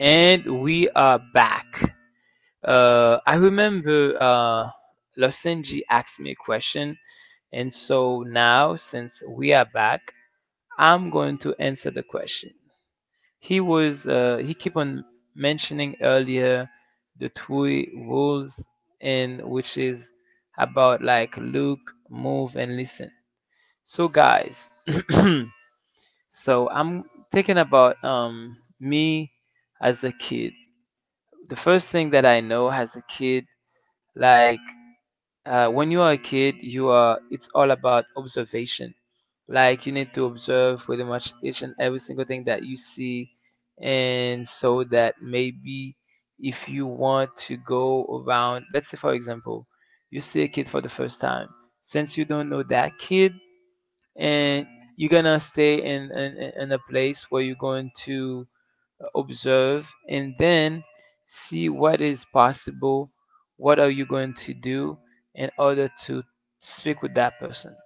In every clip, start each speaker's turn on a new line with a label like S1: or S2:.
S1: And we are back. I remember Losenji asked me a question, and so now since we are back, I'm going to answer the question. He was he keep on mentioning earlier the three rules, and which is about like look, move, and listen. So guys, so I'm thinking about me as a kid, the first thing that I know as a kid, like when you are a kid, you are it's all about observation. Like you need to observe pretty much each and every single thing that you see, and so that maybe if you want to go around, let's say for example, you see a kid for the first time, since you don't know that kid, and you're gonna stay in a place where you're going to observe, and then see what is possible, what are you going to do in order to speak with that person.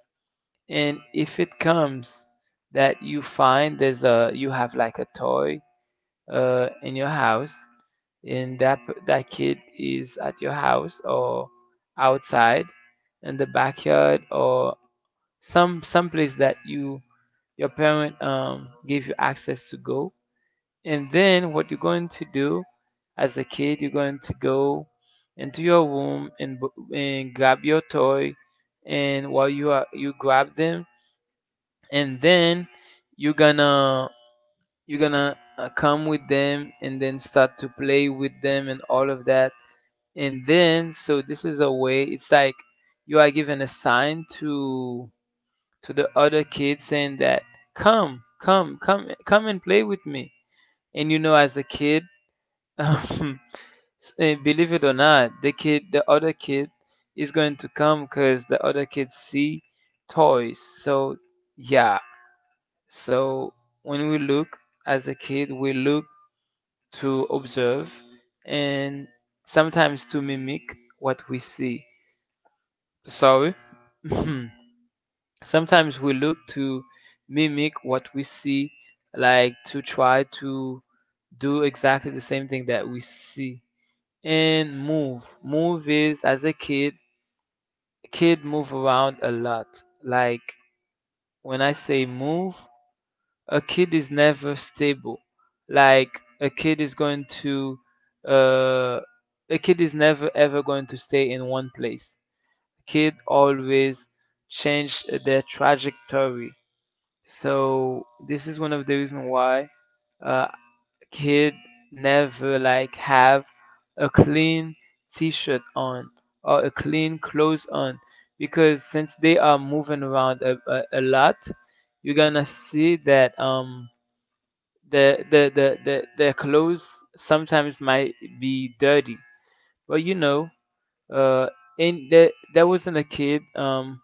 S1: And if it comes that you find there's a you have like a toy in your house, and that kid is at your house or outside in the backyard or some place that you, your parent gave you access to go, and then what you're going to do as a kid, you're going to go into your room and grab your toy. And while you grab them, and then you're gonna you're gonna come with them and then start to play with them and all of that. And then so this is a way. It's like you are given a sign to the other kids saying that come and play with me. And you know, as a kid, um, believe it or not, the kid, the other kid is going to come because the other kids see toys. So yeah. So when we look as a kid, we look to observe and sometimes to mimic what we see. Sorry. Mhm. Sometimes we look to mimic what we see, like to try to do exactly the same thing that we see. And move. Move is, as a kid, kid move around a lot. Like when I say move, a kid is never stable. Like a kid is going to uh a kid is never ever going to stay in one place. Kid always change their trajectory. So this is one of the reasons why uh, he'd never like have a clean t-shirt on or a clean clothes on, because since they are moving around a lot, you're gonna see that the their clothes sometimes might be dirty. But you know, uh and there wasn't a kid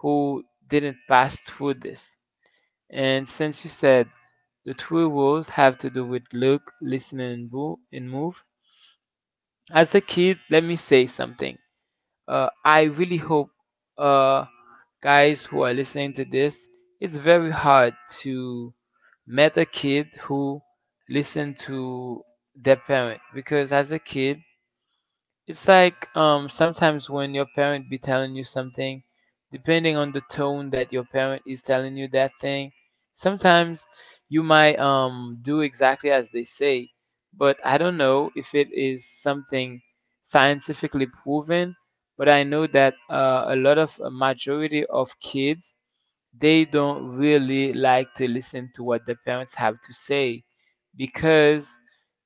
S1: who didn't pass through this. And since you said the two rules have to do with look, listen, and move, and move. As a kid, let me say something. I really hope, uh, guys who are listening to this, it's very hard to met a kid who listen to their parent, because as a kid, it's like sometimes when your parent be telling you something, depending on the tone that your parent is telling you that thing, sometimes you might do exactly as they say. But I don't know if it is something scientifically proven. But I know that a lot of a majority of kids, they don't really like to listen to what the parents have to say, because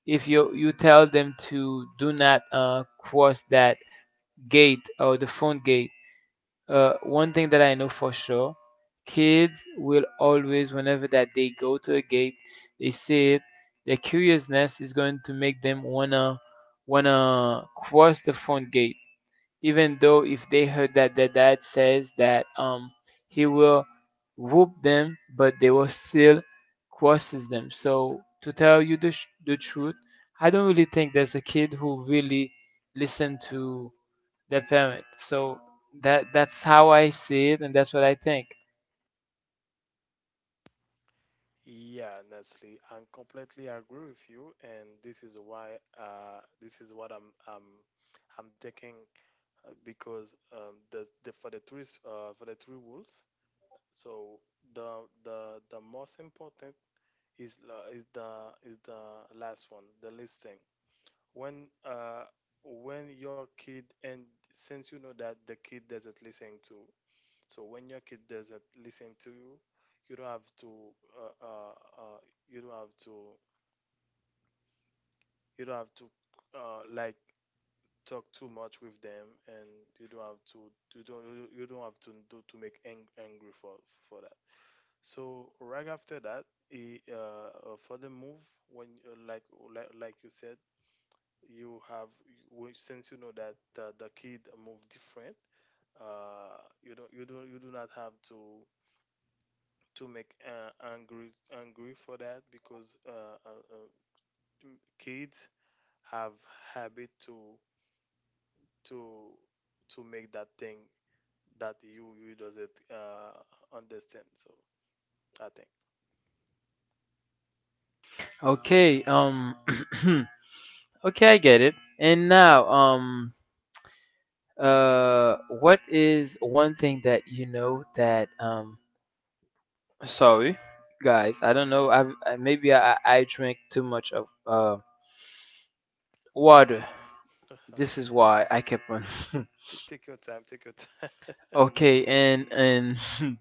S1: if you tell them to do not cross that gate or the front gate, one thing that I know for sure, kids will always, whenever that they go to a gate they see it, their curiousness is going to make them wanna cross the front gate, even though if they heard that their dad says that he will whoop them, but they will still curses them. So to tell you the, the truth, I don't really think there's a kid who really listen to their parent. So that's how I see it, and that's what I think.
S2: Yeah, Nestle, I completely agree with you, and this is why this is what I'm taking, because the for the three for the three rules, so the most important is the last one, the listing. When uh when your kid and since you know that the kid doesn't listen to, so when your kid doesn't listen to you, you don't have to uh, uh, uh, you don't have to you don't have to uh, like talk too much with them, and you don't have to you don't have to do to make angry for that. So right after that, he, for the move when like you said, you have since you know that the kid move different, you do not have to make angry for that, because uh, uh, kids have habit to to make that thing that you doesn't understand. So I think.
S1: Okay, okay, I get it. And now what is one thing that you know that sorry, guys. I don't know. I, maybe I drank too much of water.
S2: uh,
S1: This is
S2: take
S1: why I kept on.
S2: Take your time, take your time.
S1: Okay, and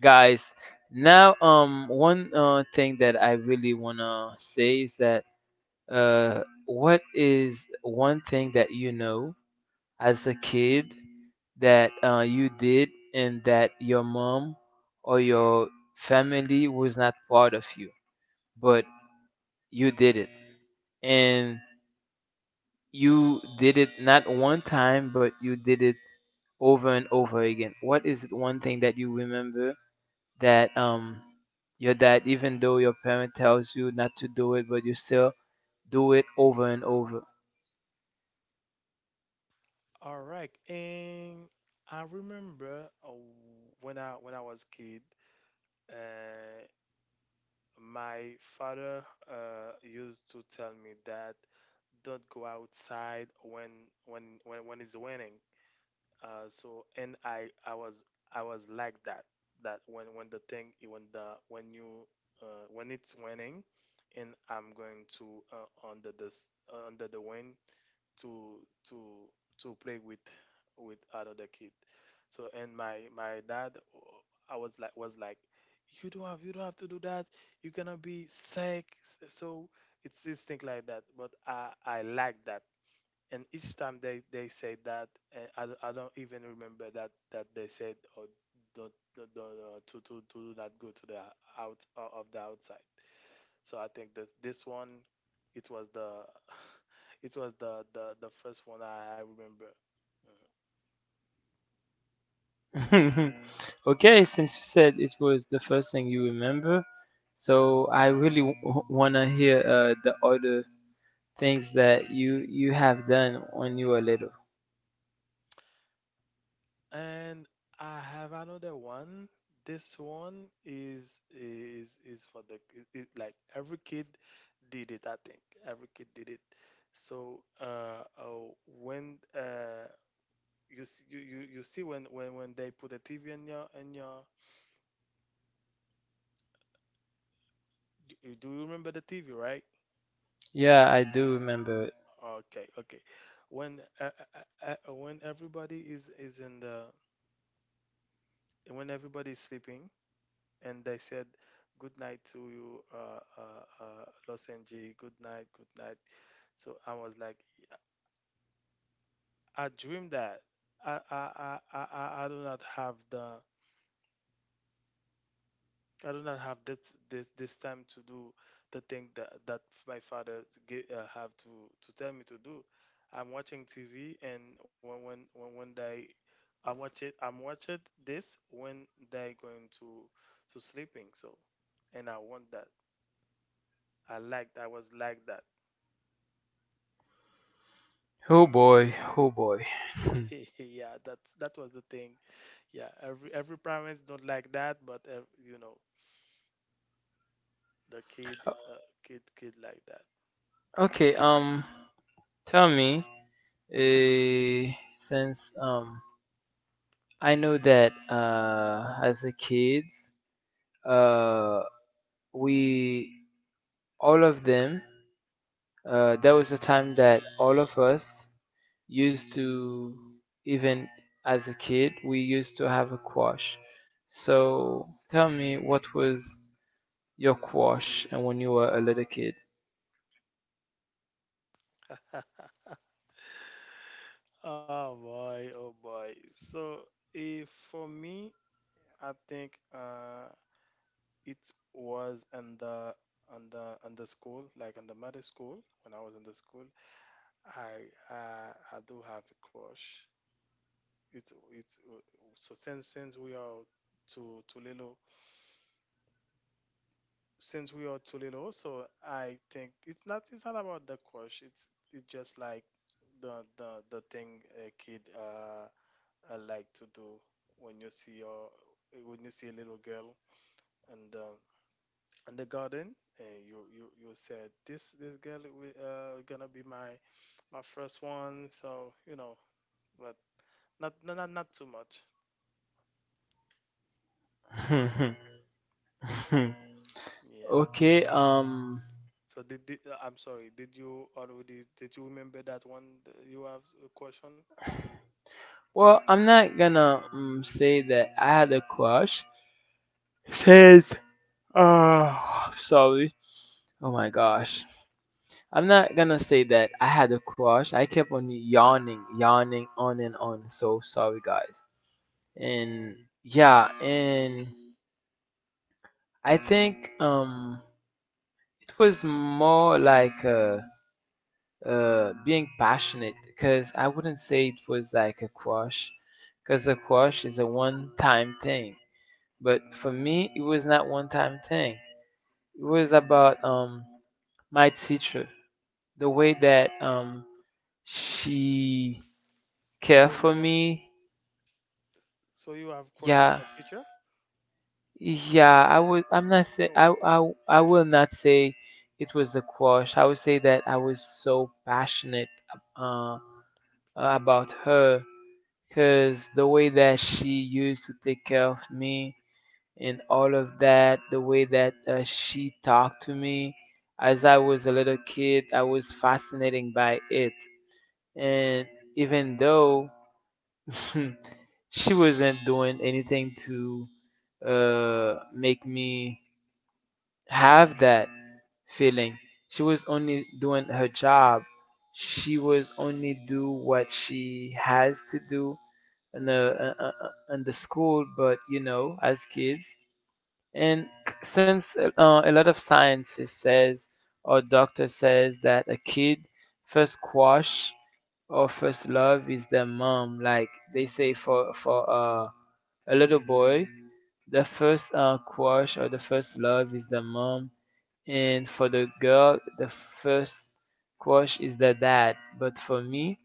S1: guys, now one thing that I really wanna say is that, what is one thing that you know, as a kid, that you did and that your mom or your family was not proud of you, but you did it, and you did it not one time, but you did it over and over again. What is it one thing that you remember, that your dad, even though your parent tells you not to do it, but you still do it over and over?
S2: All right, and I remember when I was kid, uh, my father used to tell me that don't go outside when when it's winning. So and I was I was like that, that when the thing when the when you, when it's winning, and I'm going to under the wind to to to play with another kid. So and my dad, I was like, was like, you don't have to do that. You're gonna be sick. So it's this thing like that. But I like that, and each time they say that, and I, I don't even remember that that they said, oh, don't to not go to the of the outside. So I think that this one, it was the it was the the first one I remember. Uh,
S1: Okay, since you said it was the first thing you remember, so I really want to hear the other things that you have done when you were little.
S2: And I have another one. This one is for the, like every kid did it, I think. Every kid did it. So when you see you see when, when they put a TV in your in your, do you remember the TV, right?
S1: Yeah, I do remember it.
S2: Okay, okay. When everybody is in the, when everybody is sleeping, and I said good night to you, Los Angeles, good night, good night. So I was like, I dream that I do not have the, I do not have this this time to do the thing that that my father gave, have to tell me to do. I'm watching TV, and when when they, I watch it, I'm watching this when they going to sleeping. So and I want that. I liked, I was like that.
S1: Oh boy, oh boy.
S2: Yeah, that that was the thing. Yeah, every parents don't like that, but ev you know, the kid, uh, kid like that.
S1: Okay, tell me, since I know that as a kids, uh, we all of them. There was a time that all of us used to, even as a kid, we used to have a quash. So tell me, what was your quash and when you were a little kid?
S2: Oh boy, oh boy. So eh, for me, I think it was in the on the on the school, like in the middle school when I was in the school. I do have a crush. It's So since we are too little, since we are too little, so I think it's not, it's not about the course. It's just like the thing a kid like to do, when you see your, when you see a little girl and in the garden, and you said this girl gonna be my my first one. So you know, but not not not, not too much. Yeah.
S1: Okay.
S2: So did I'm sorry. Did you already, did you remember that one? That You have a question?
S1: Well, I'm not gonna say that I had a crush. Says, oh, sorry. Oh my gosh. I'm not gonna say that I had a crush. I kept on yawning, yawning on and on. So sorry, guys. And yeah, and I think it was more like being passionate, because I wouldn't say it was like a crush, because a crush is a one-time thing. But for me, it was not one-time thing. It was about my teacher, the way that she cared
S2: So
S1: for
S2: you,
S1: me.
S2: so you have crush on
S1: Yeah,
S2: your teacher?
S1: yeah, I would,
S2: Oh boy.
S1: I will not say it was a crush. I would say that I was so passionate, uh, about her, because the way that she used to take care of me and all of that, the way that she talked to me, as I was a little kid, I was fascinating by it. And even though she wasn't doing anything to make me have that feeling. She was only doing her job. She was only do what she has to do in the school, but you know, as kids. And since a lot of sciences says or doctor says that a kid first crush or first love is their mom, like they say for a little boy, the first crush or the first love is the mom, and for the girl, the first crush is the dad. But for me,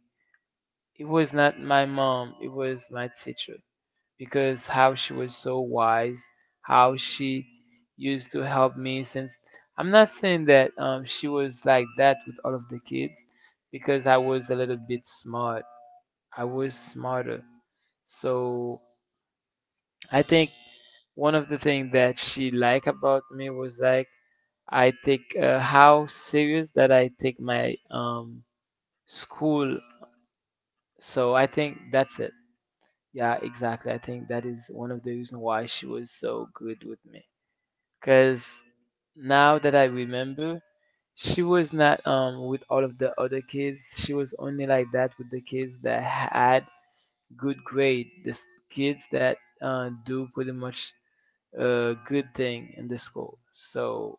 S1: it was not my mom, it was my teacher, because how she was so wise, how she used to help me. Since I'm not saying that she was like that with all of the kids, because I was a little bit smart. I was smarter. So I think one of the things that she liked about me was like, I take how serious that I take my school. So I think that's it. Yeah, exactly. I think that is one of the reason why she was so good with me. Cause now that I remember, she was not with all of the other kids. She was only like that with the kids that had good grade. The kids that do pretty much a good thing in the school. So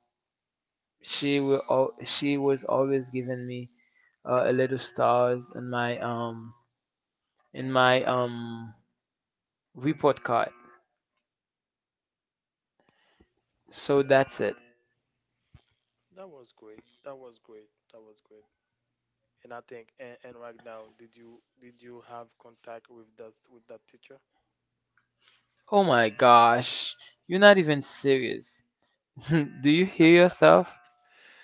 S1: she will. She was always giving me a little stars in my report card. So
S2: Yeah,
S1: that's it.
S2: that was great. That was great. That was great. And I think, and right now, did you, did you have contact with that, with that teacher?
S1: Oh my gosh, you're not even serious. Do you hear yourself?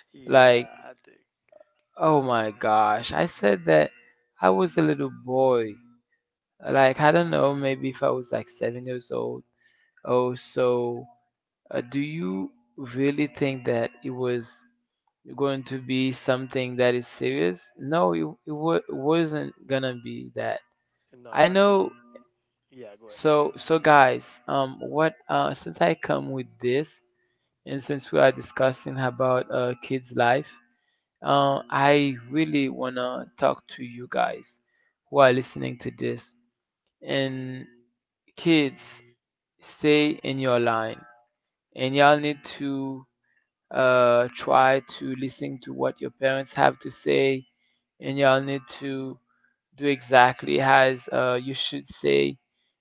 S2: Yeah,
S1: Like,
S2: I think.
S1: oh my gosh, I said that I was a little boy. Like, I don't know, maybe if I was like 7 years old. Oh, so do you really think that it was going to be something that is serious? No, it wasn't gonna be that.
S2: No, I
S1: I
S2: think.
S1: know.
S2: Yeah, go ahead.
S1: So so guys, what since I come with this, and since we are discussing about kids' life, I really wanna talk to you guys who are listening to this. And kids, stay in your line, and y'all need to try to listen to what your parents have to say, and y'all need to do exactly has you should say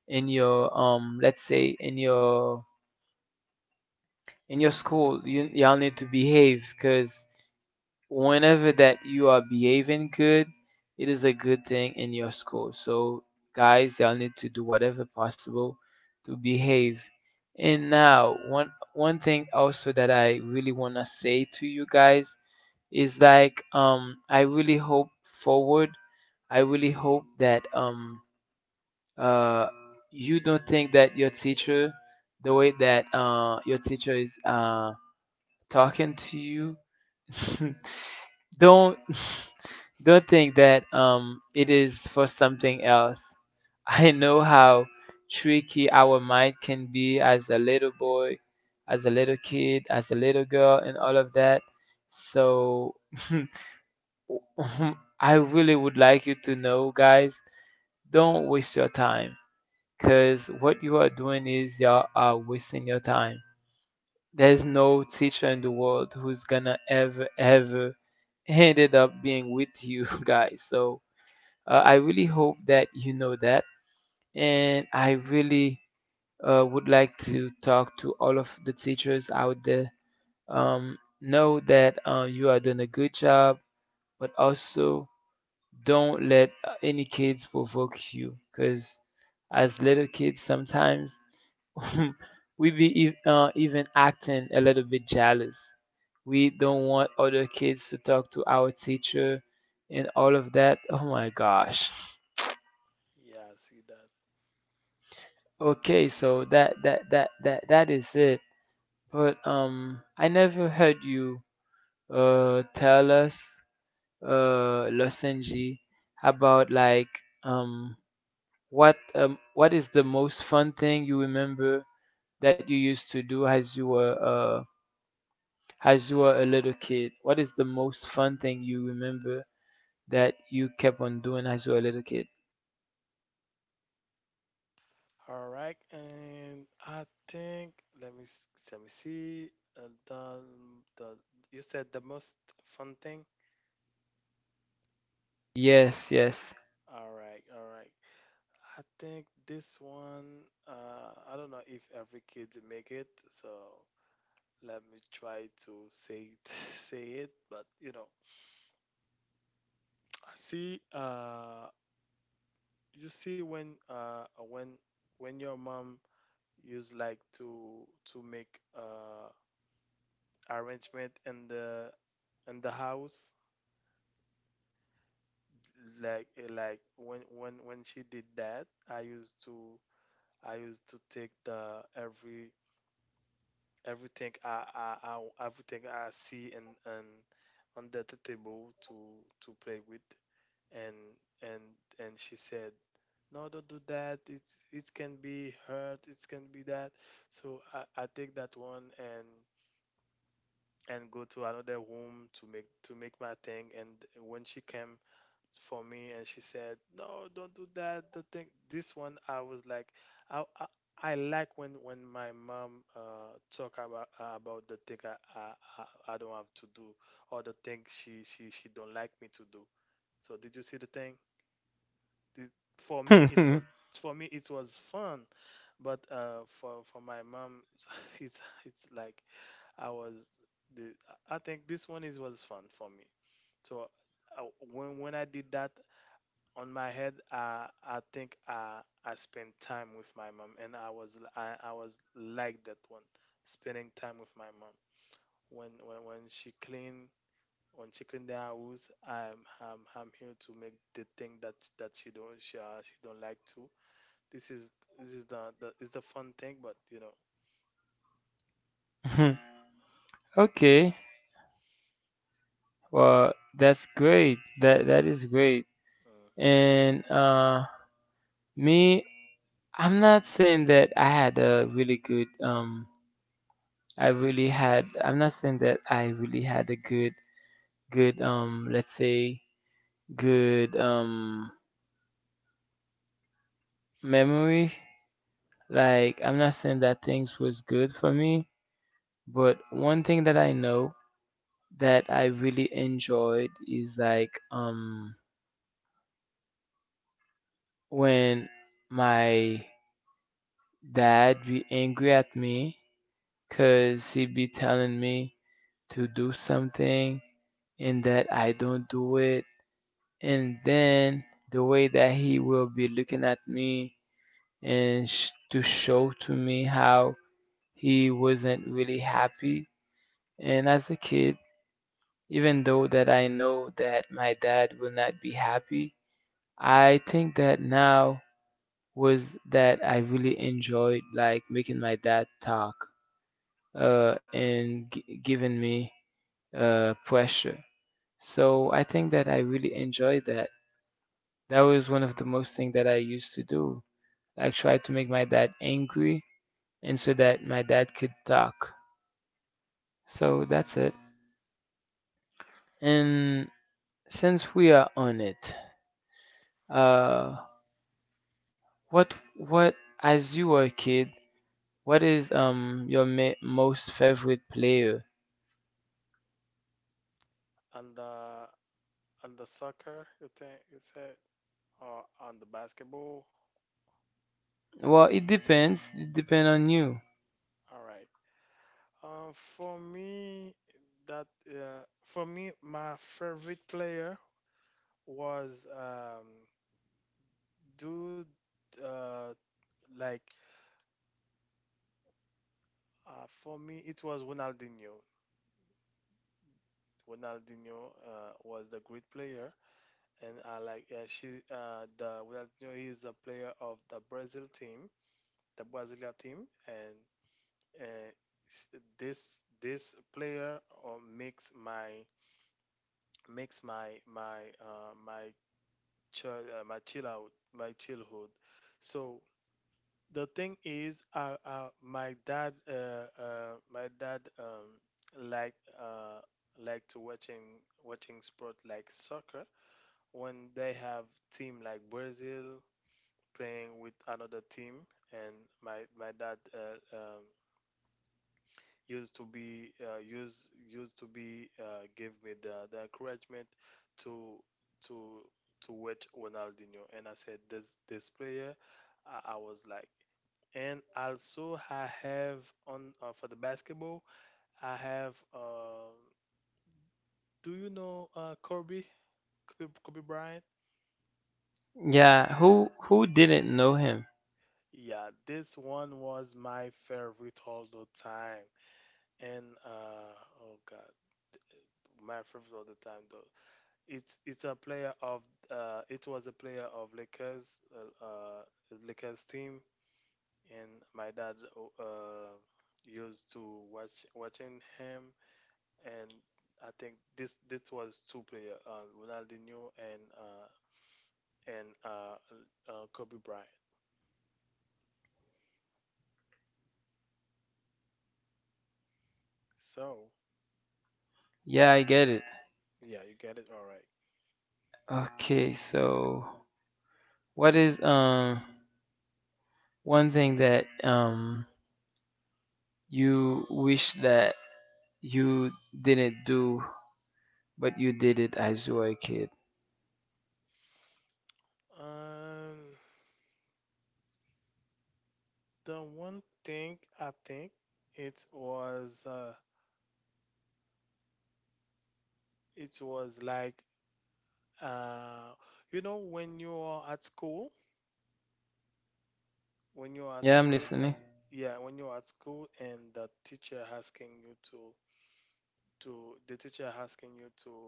S1: in your let's say in your, in your school. You Y'all need to behave, because whenever that you are behaving good, it is a good thing in your school. So guys, y'all need to do whatever possible to behave. And now, one thing also that I really want to say to you guys is like, I really hope forward, I really hope that uh, you don't think that your teacher, the way that your teacher is talking to you, don't don't think that it
S2: I
S1: is
S2: see.
S1: for something else. I know how tricky our mind can be as a little boy, as a little kid, as a little girl, and all of that. So I really would like you to know, guys, don't waste your time, because what you are doing is you are wasting your time. There's no teacher in the world who's gonna ever, ever ended up being with you guys. So I really hope that you know that. And I really would like to talk to all of the teachers out there. Know that you are doing a good job, but also don't let any kids provoke you, because as little kids sometimes we even acting a little bit jealous. We don't want other kids to talk to our teacher and all of that. Oh my gosh.
S2: Yeah, I see that.
S1: Okay, so that is it. But I never heard you tell us Losenji about like um what is the most fun thing you remember that you used to do as you were as you were a little kid? What is the most fun thing you remember that you kept on doing as you were a little kid?
S2: All right, and I think, let me let me see. Uh, the the you said the most fun thing.
S1: Yes, yes.
S2: All right, all right. I think this one, I don't know if every kid make it, so let me try to say it, say it. But you know, I see. You see when when your mom used like to make arrangement in the house, like like when she did that, I used to take the every everything I everything I see and on the table to play with, and and and she said no, don't do that, it can be hurt, it can be that. So I take that one and go to another room to make my thing, and when she came for me, and she said no, don't do that, the thing, this one I was like, i i, I like when my mom talk about the thing I don't have to do, or the thing she she don't like me to do. So did you see the thing? Did, for me it was, for me it was fun, but for my mom it's it's like I was the, I think this one is, was fun for me. So I- when I did that, on my head, I think I spent time with my mom, and I was, I was like that one, spending time with my mom. When when she clean, when she clean the house, I'm here to make the thing that that she don't, she don't like to. This is this is the is the fun thing, but you know.
S1: Okay.
S2: Yeah.
S1: Well, that's great. That is great.
S2: Mhm.
S1: And me, I'm not saying that I had a really good I really had I'm not saying that I really had a good, let's say good, memory. Like, I'm not saying that things was good for me. But one thing that I know that I really enjoyed is like, when my dad be angry at me, cuz he be telling me to do something and that I don't do it, and then the way that he will be looking at me and to show to me how he wasn't really happy. And as a kid, even though that I know that my dad will not be happy, I think that now was that I really enjoyed, like making my dad talk and giving me pressure. So I think that I really enjoyed that. That was one of the most things that I used to do. I tried to make my dad angry and so that my dad could talk. So that's it. And since we are on it, uh, what as you were a kid, what is your most favorite player?
S2: And the, and the soccer you think you said, or on the basketball?
S1: Well, it depends. It depends on you.
S2: All right. Uh, for me, for me, my favorite player was, dude. Uh, like for me, it was Ronaldinho. Ronaldinho was the great player, and I like she. The Ronaldinho is a player of the Brazil team, the Brazilian team, and uh, s- this this player makes my, makes my my chill out, my childhood. So the thing is, my dad, like, uh, like to watching watching sport like soccer when they have team like Brazil playing with another team, and my dad, used to be used used to be give me the encouragement to to to watch Ronaldinho, and I said this this player, I was like. And also I have on for the basketball, I have do you know Kobe Bryant?
S1: Yeah, who didn't know him?
S2: Yeah, this one was my favorite all the time. And oh God, my favorite all the time though. It's a player of it was a player of Lakers, Lakers team, and my dad uh used to watch watching him, and I think this this was two player, Ronaldinho and and uh, Kobe Bryant. So
S1: Yeah, I get it.
S2: yeah, you get it, all right.
S1: Okay, so what is one thing that you wish that you didn't do, but you did it as you were a kid?
S2: Um, the one thing I think, it was uh it was like, Uh, you know, when you are at school, when you are at
S1: Yeah, I'm
S2: school,
S1: listening.
S2: yeah, when you are at school and the teacher asking you to the teacher asking you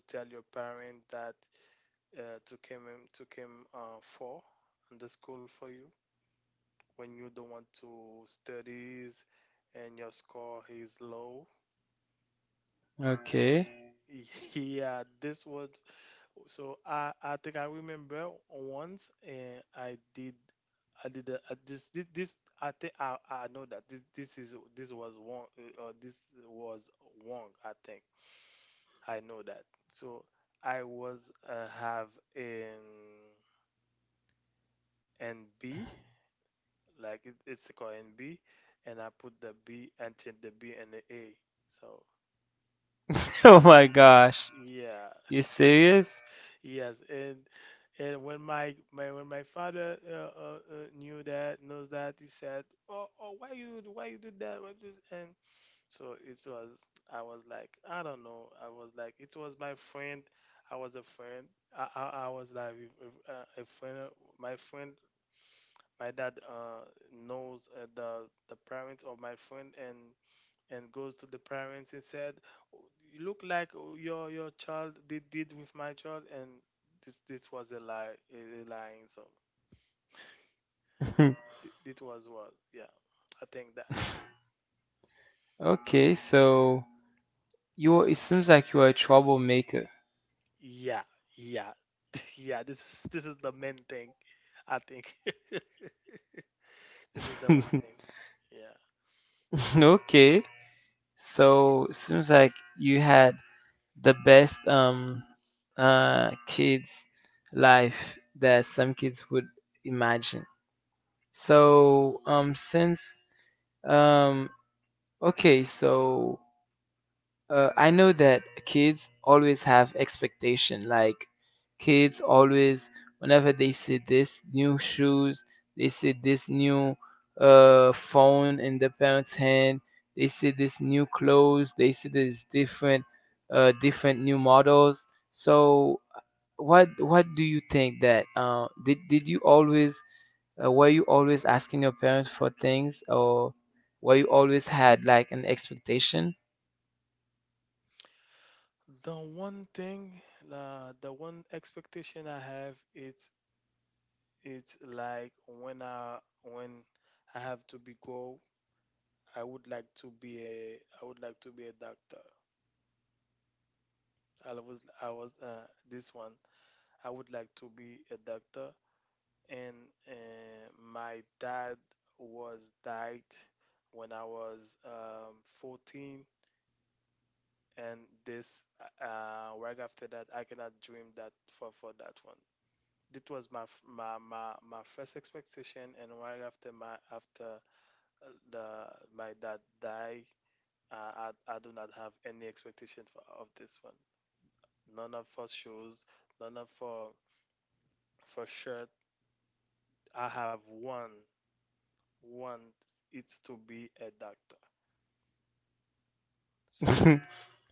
S2: to tell your parent that, to came in- to came for in the school for you when you don't want to studies, and your score is low,
S1: Okay.
S2: then yeah, this was. So I think I remember once, and I did, I did a, this I think I know that this is, this was wrong, or this was wrong, I think I know that. So I was have an NB, like it, it's called NB, and I put the B and change the B and the A. So
S1: Oh my gosh.
S2: yeah,
S1: You
S2: this.
S1: serious?
S2: Yes, and when my when my father knew that, knows that, he said, "Oh, oh, why you why you did that? Why And so it was. I was like, I don't know. I was like, it was my friend. I was a friend. I was like a, a friend of- My friend. My dad knows the parents of my friend, and goes to the parents and said, "Oh, "You look like oh, your child did with my child," and this was a lie, a lying. So th- it was yeah. I think that
S1: Okay, so you, it seems like you're a troublemaker.
S2: yeah yeah yeah. This is the main thing. I think this is the one thing. Yeah.
S1: Okay. So it seems like you had the best kids life that some kids would imagine. So since um okay, so I know that kids always have expectation. Like, kids always, whenever they see this new shoes, they see this new phone in the parents' hand, they see this new clothes, they see this different, different new models. So, what do you think that did you always were you always asking your parents for things, or were you always had like an expectation?
S2: The one thing, the one expectation I have, it's like when I when I have to be go I would like to be a doctor. I was this one. I would like to be a doctor, and my dad was died when I was 14, and this right after that I cannot dream that for that one. That was my f- my first expectation, and right after my after the my dad died, I do not have any expectation for of this one. None of for shoes, none of for shirt. I have one, it's to be a doctor. So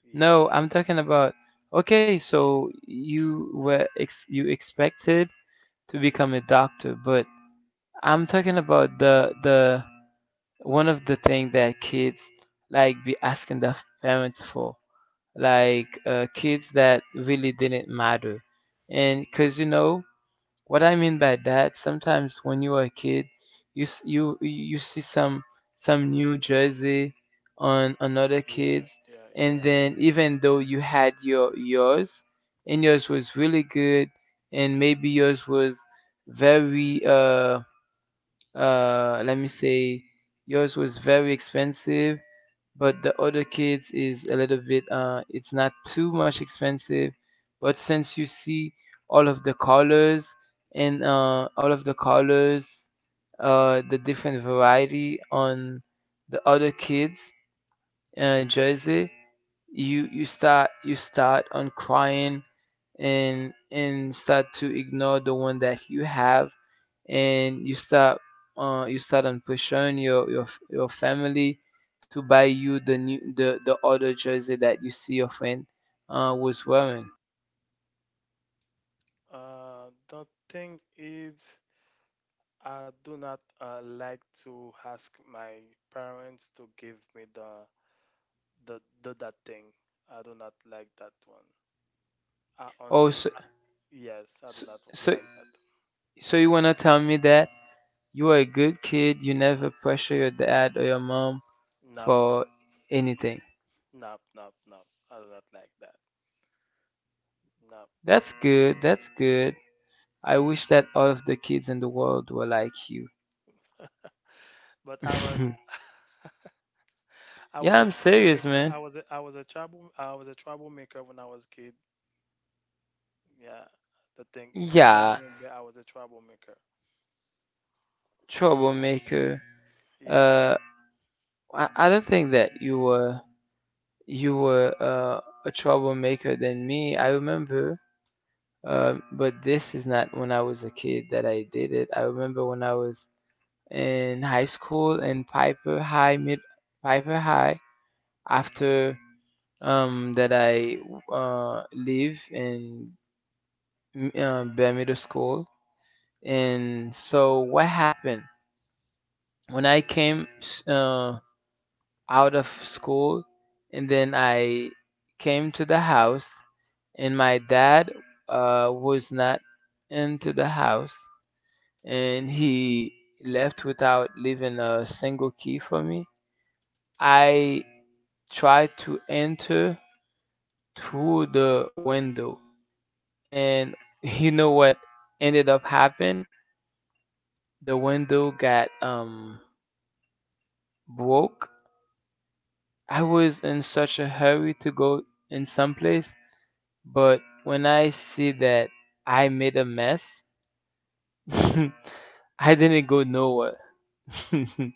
S2: yeah.
S1: No, I'm talking about, okay, so you were ex, you expected to become a doctor, but I'm talking about the one of the thing that kids like be asking their parents for, like kids that really didn't matter, and because you know what I mean by that. Sometimes when you are a kid, you you you see some new jersey on another
S2: Yeah,
S1: kids,
S2: yeah,
S1: and
S2: yeah.
S1: then even though you had your yours, and yours was really good, and maybe yours was very let me say yours was very expensive, but the other kids is a little bit uh, it's not too much expensive. But since you see all of the colors, and uh all of the colors uh, the different variety on the other kids jersey, you start on crying and start to ignore the one that you have, and you start on pushing your your family to buy you the new, the other jersey that you see your friend was wearing.
S2: The thing is, I do not like to ask my parents to give me the that thing. I do not like that one. I
S1: Oh,
S2: only
S1: so
S2: yes, I
S1: so
S2: do not
S1: so,
S2: like that.
S1: so you wanna tell me that you are a good kid? You never pressure your dad or your mom
S2: Nope,
S1: for anything.
S2: nope, Nope. I do not like that. Nope.
S1: That's good. That's good. I wish that all of the kids in the world were like you.
S2: But I was I was
S1: Yeah,
S2: a
S1: I'm serious,
S2: troublemaker.
S1: man.
S2: I was a troublemaker when I was kid. Yeah, the thing I
S1: Yeah,
S2: remember I was a troublemaker.
S1: troublemaker.
S2: Yeah,
S1: Uh, I don't think that you were, you were a troublemaker than me. I remember, but this is not when I was a kid that I did it. I remember when I was in high school in Piper High, mid Piper High. After that, I leave in Bear Middle School. And so, what happened when I came Uh, out of school, and then I came to the house, and my dad was not into the house, and he left without leaving a single key for me. I tried to enter through the window, and you know what ended up happening? The window got broke. I was in such a hurry to go in some place, but when I see that I made a mess, I didn't go nowhere.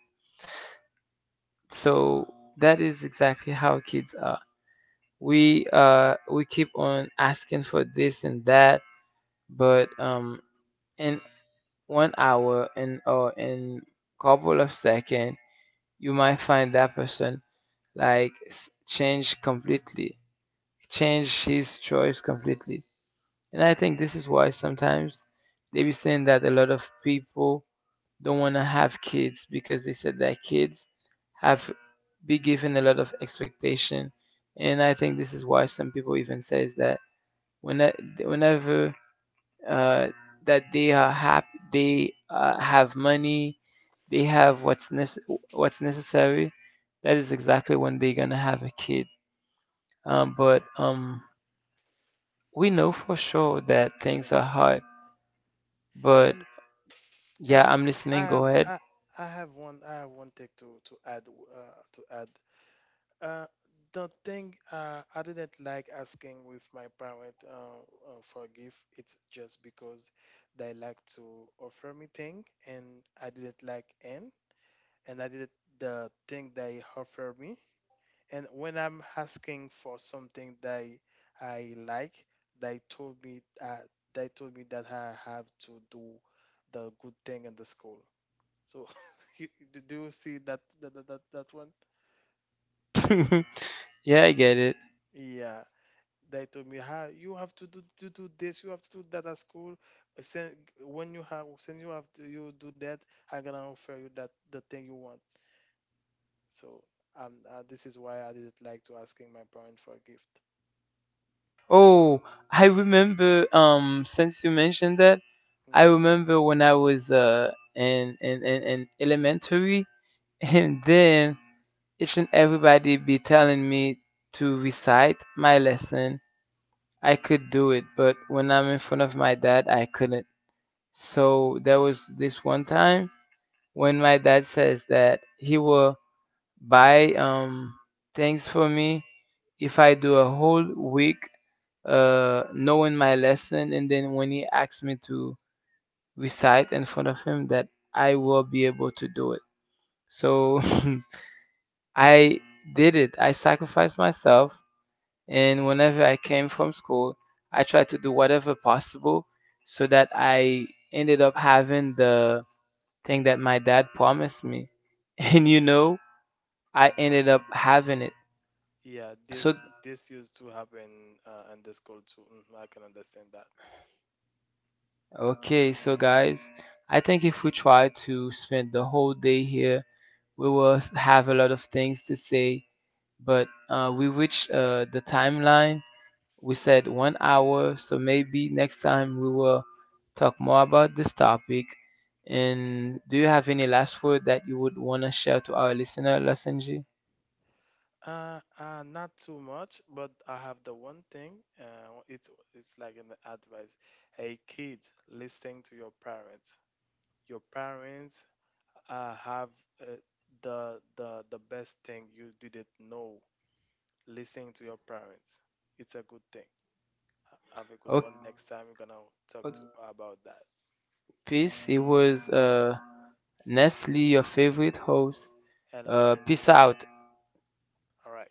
S1: So that is exactly how kids are. We keep on asking for this and that, but in 1 hour and or in couple of seconds, you might find that person like change completely, change his choice completely. And I think this is why sometimes they be saying that a lot of people don't want to have kids, because they said that kids have be given a lot of expectation. And I think this is why some people even says that when, whenever uh, that they are happy, they have money, they have what's what's necessary. That is exactly when they're gonna have a kid. Um, but
S2: yeah,
S1: um, we know for sure that
S2: you know
S1: things are
S2: for
S1: hard,
S2: sure.
S1: but
S2: And
S1: yeah,
S2: and
S1: I'm
S2: I
S1: listening. Go
S2: have
S1: ahead.
S2: I, I have one thing to add. Uh, the thing I didn't like asking with my parent for a gift. It's just because they like to offer me thing and I didn't like, and I did the thing they offer me. And when I'm asking for something that I like, they told me uh, they told me that I have to do the good thing in the school. So you, do you see that one?
S1: Yeah, I get it.
S2: Yeah, they told me how you have to do this, you have to do that at school. Send, when you have to, you do that, I'm gonna offer you that the thing you want. So this is why I didn't like to asking my parents for a gift.
S1: Oh, I remember. Since you mentioned that, I
S2: Hmm.
S1: remember when I was in elementary, and then each and everybody be telling me to recite my lesson. I could do it, but when I'm in front of my dad, I couldn't. So there was this one time when my dad says that he will buy things for me if I do a whole week knowing my lesson, and then when he asks me to recite in front of him, that I will be able to do it. So I did it. I sacrificed myself, and whenever I came from school, I tried to do whatever possible so that I ended up having the thing that my dad promised me. And you know, I ended up having it.
S2: Yeah,
S1: So
S2: this used to happen in the school too. Hmm. I can understand that.
S1: okay, so guys, I think if we try to spend the whole day here, we will have a lot of things to say. But we reached the timeline. We said 1 hour, so maybe next time we will talk more about this topic. And do you have any last word that you would want to share to our listener, Lasenji?
S2: Not too much, but I have the one thing. It's like an advice. Hey, kids, listening to your parents. Your parents have uh, the best thing you didn't know. Listening to your parents, it's a good thing. Have a good one.
S1: Okay,
S2: Next time we're gonna talk to about that.
S1: peace. It was Nestle, your favorite host.
S2: And Los
S1: Peace
S2: Angeles.
S1: out.
S2: All right.